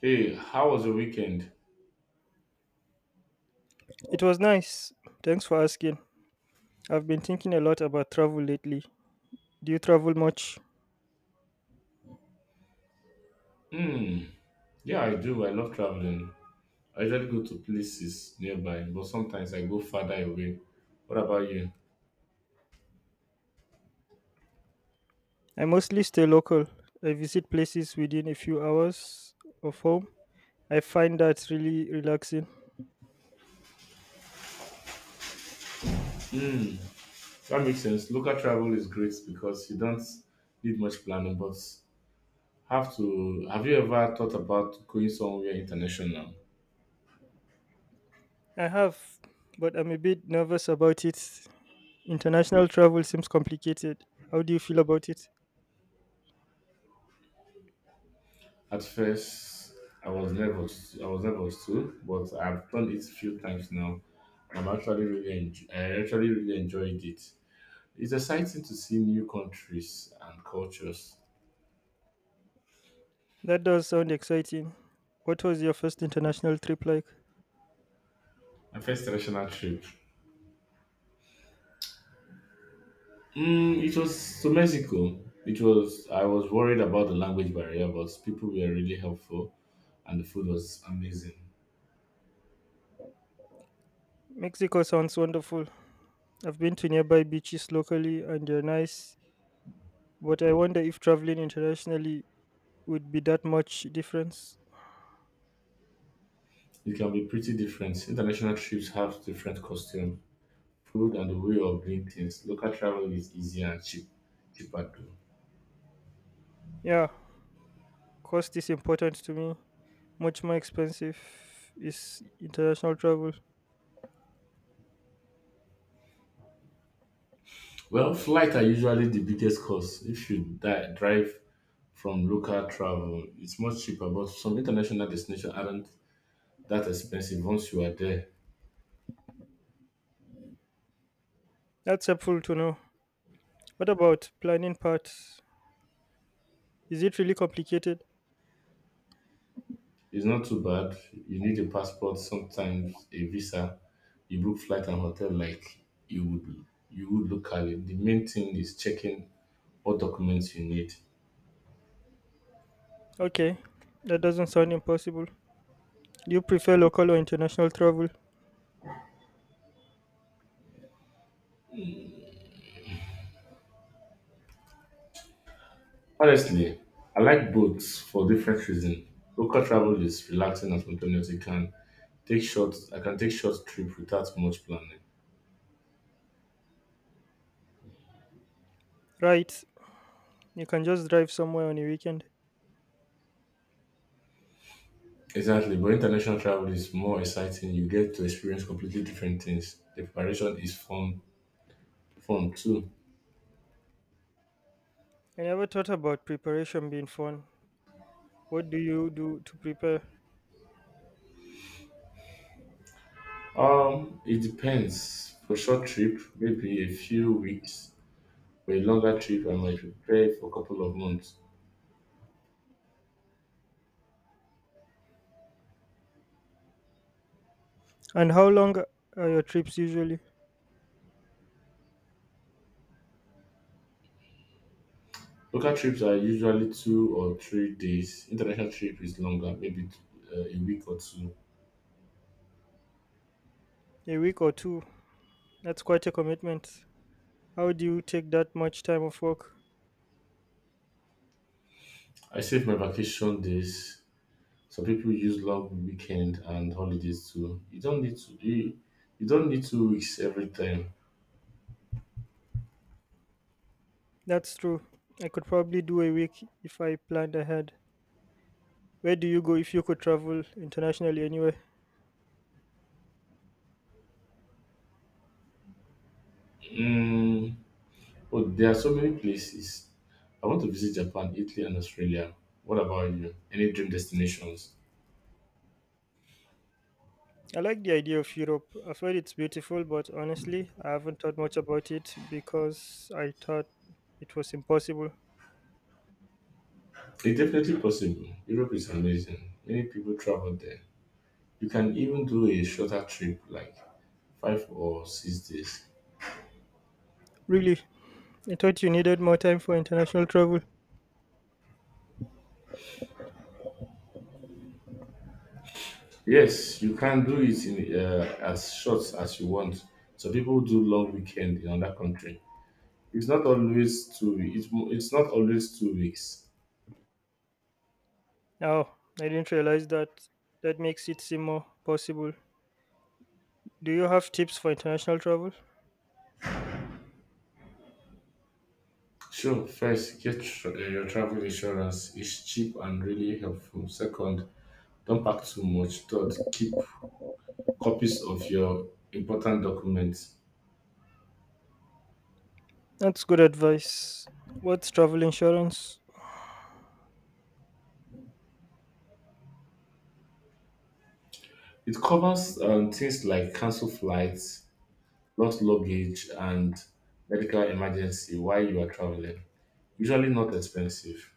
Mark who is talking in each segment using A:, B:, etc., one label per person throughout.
A: Hey, how was your weekend?
B: It was nice. Thanks for asking. I've been thinking a lot about travel lately. Do you travel much?
A: Hmm. Yeah, I do. I love traveling. I usually go to places nearby, but sometimes I go farther away. What about you?
B: I mostly stay local. I visit places within a few hours of home. I find that really relaxing.
A: Hmm. That makes sense. Local travel is great because you don't need much planning, but have to. Have you ever thought about going somewhere international?
B: I have, but I'm a bit nervous about it. International travel seems complicated. How do you feel about it?
A: At first, I was nervous too, but I've done it a few times now. I actually really enjoyed it. It's exciting to see new countries and cultures.
B: That does sound exciting. What was your first international trip like?
A: My first international trip. It was to Mexico. It was I was worried about the language barrier, but people were really helpful and the food was amazing.
B: Mexico sounds wonderful. I've been to nearby beaches locally and they're nice, but I wonder if traveling internationally would be that much difference.
A: It can be pretty different. International trips have different costume, food and the way of doing things. Local travel is easier and cheaper too.
B: Yeah, cost is important to me. Much more expensive is international travel.
A: Well, flights are usually the biggest cost. If you drive from local travel, it's much cheaper, but some international destinations aren't that expensive once you are there.
B: That's helpful to know. What about planning parts? Is it really complicated?
A: It's not too bad. You need a passport, sometimes a visa. You book flight and hotel like you would locally. The main thing is checking what documents you need.
B: Okay, that doesn't sound impossible. Do you prefer local or international travel?
A: Honestly, I like both for different reasons. Local travel is relaxing and spontaneous. You can take short I can take short trip without much planning.
B: Right, you can just drive somewhere on a weekend.
A: Exactly, but international travel is more exciting. You get to experience completely different things. The preparation is fun too.
B: I never thought about preparation being fun. What do you do to prepare?
A: It depends. For short trip, maybe a few weeks. For a longer trip, I might prepare for a couple of months.
B: And how long are your trips usually?
A: Local trips are usually 2 or 3 days. International trip is longer, maybe a week or two.
B: A week or two? That's quite a commitment. How do you take that much time off work?
A: I save my vacation days. Some people use long weekend and holidays too. You don't need to. You don't need 2 weeks every time.
B: That's true. I could probably do a week if I planned ahead. Where do you go if you could travel internationally anyway?
A: Mm, but there are so many places. I want to visit Japan, Italy, and Australia. What about you? Any dream destinations?
B: I like the idea of Europe. I've heard it's beautiful, but honestly, I haven't thought much about it because I thought it was impossible.
A: It's definitely possible. Europe is amazing. Many people travel there. You can even do a shorter trip, like 5 or 6 days.
B: Really, I thought you needed more time for international travel.
A: Yes, you can do it in as short as you want. So people do long weekend in other country. It's not always 2 weeks.
B: Oh, I didn't realize that. That makes it seem more possible. Do you have tips for international travel?
A: Sure, first get your travel insurance. It's cheap and really helpful. Second, don't pack too much. Third, keep copies of your important documents.
B: That's good advice. What's travel insurance?
A: It covers things like cancelled flights, lost luggage, and medical emergency while you are traveling. Usually not expensive.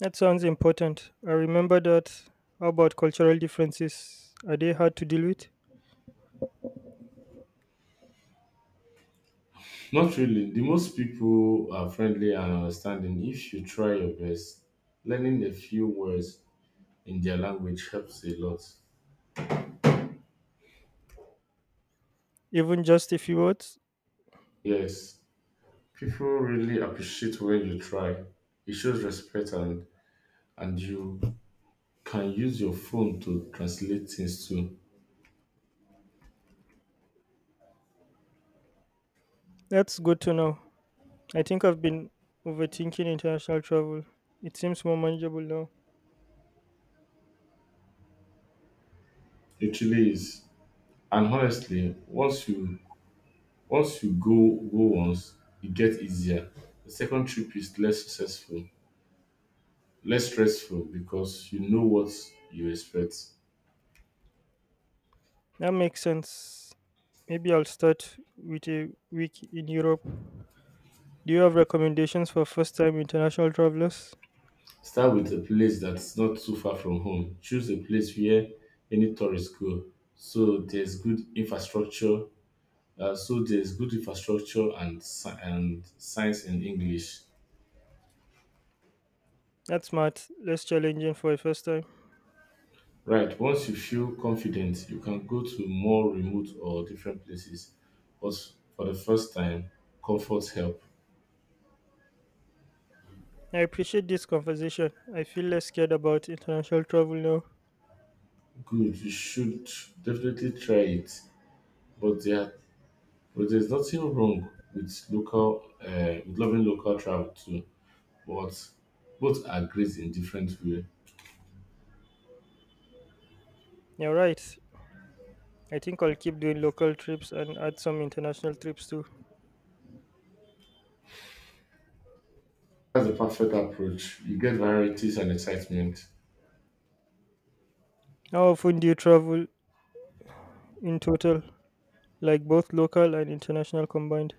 B: That sounds important. I remember that. How about cultural differences? Are they hard to deal with?
A: Not really. The most people are friendly and understanding if you try your best. Learning a few words in their language helps a lot.
B: Even just a few words?
A: Yes, people really appreciate when you try. It shows respect and you can use your phone to translate things too.
B: That's good to know. I think I've been overthinking international travel. It seems more manageable now.
A: It really is. And honestly, once you go once, it gets easier. The second trip is less stressful because you know what you expect.
B: That makes sense. Maybe I'll start with a week in Europe. Do you have recommendations for first time international travelers?
A: Start with a place that's not too far from home. Choose a place where any tourists go. So there's good infrastructure. So there's good infrastructure and and science in English.
B: That's smart, less challenging for a first time.
A: Right. Once you feel confident, you can go to more remote or different places. But for the first time, comfort helps.
B: I appreciate this conversation. I feel less scared about international travel now.
A: Good, you should definitely try it. But there, but there's nothing wrong with with loving local travel too. But both are great in different ways.
B: You're right. I think I'll keep doing local trips and add some international trips too.
A: That's the perfect approach. You get varieties and excitement.
B: How often do you travel in total, like both local and international combined?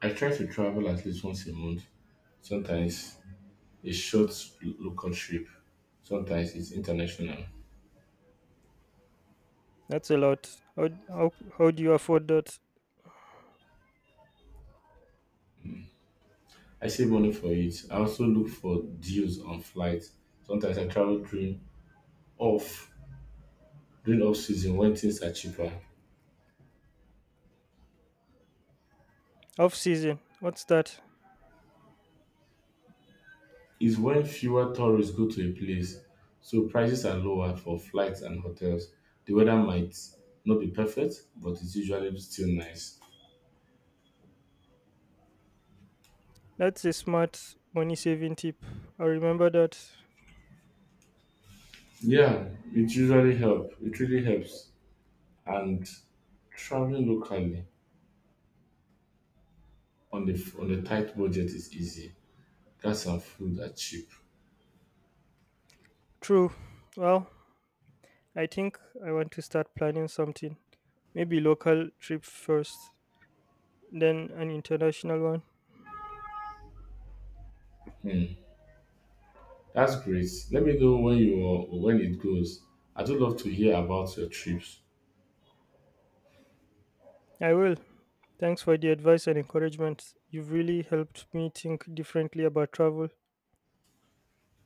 A: I try to travel at least once a month. Sometimes a short local trip. Sometimes it's international.
B: That's a lot. How do you afford that?
A: I save money for it. I also look for deals on flights. Sometimes I travel off during off season when things are cheaper.
B: Off season. What's that?
A: Is when fewer tourists go to a place, so prices are lower for flights and hotels. The weather might not be perfect, but it's usually still nice.
B: That's a smart money saving tip. I remember that.
A: Yeah, it usually helps. It really helps. And traveling locally on the tight budget is easy. Gas and food are cheap.
B: True. Well, I think I want to start planning something. Maybe local trip first, then an international one.
A: Hmm, that's great. Let me know when it goes. I do love to hear about your trips.
B: I will. Thanks for the advice and encouragement. You've really helped me think differently about travel.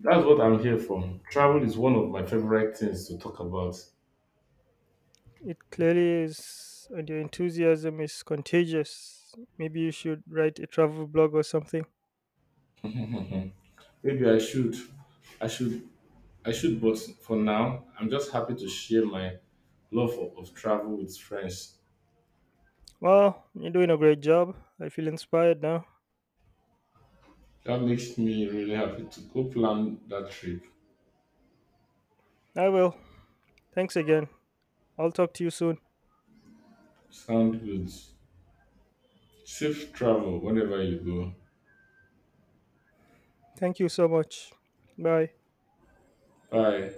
A: That's what I'm here for. Travel is one of my favorite things to talk about.
B: It clearly is, and your enthusiasm is contagious. Maybe you should write a travel blog or something.
A: Maybe I should. I should. I should, but for now, I'm just happy to share my love of travel with friends.
B: Well, you're doing a great job. I feel inspired now.
A: That makes me really happy to go plan that trip.
B: I will. Thanks again. I'll talk to you soon.
A: Sound good. Safe travel whenever you go.
B: Thank you so much. Bye.
A: Bye.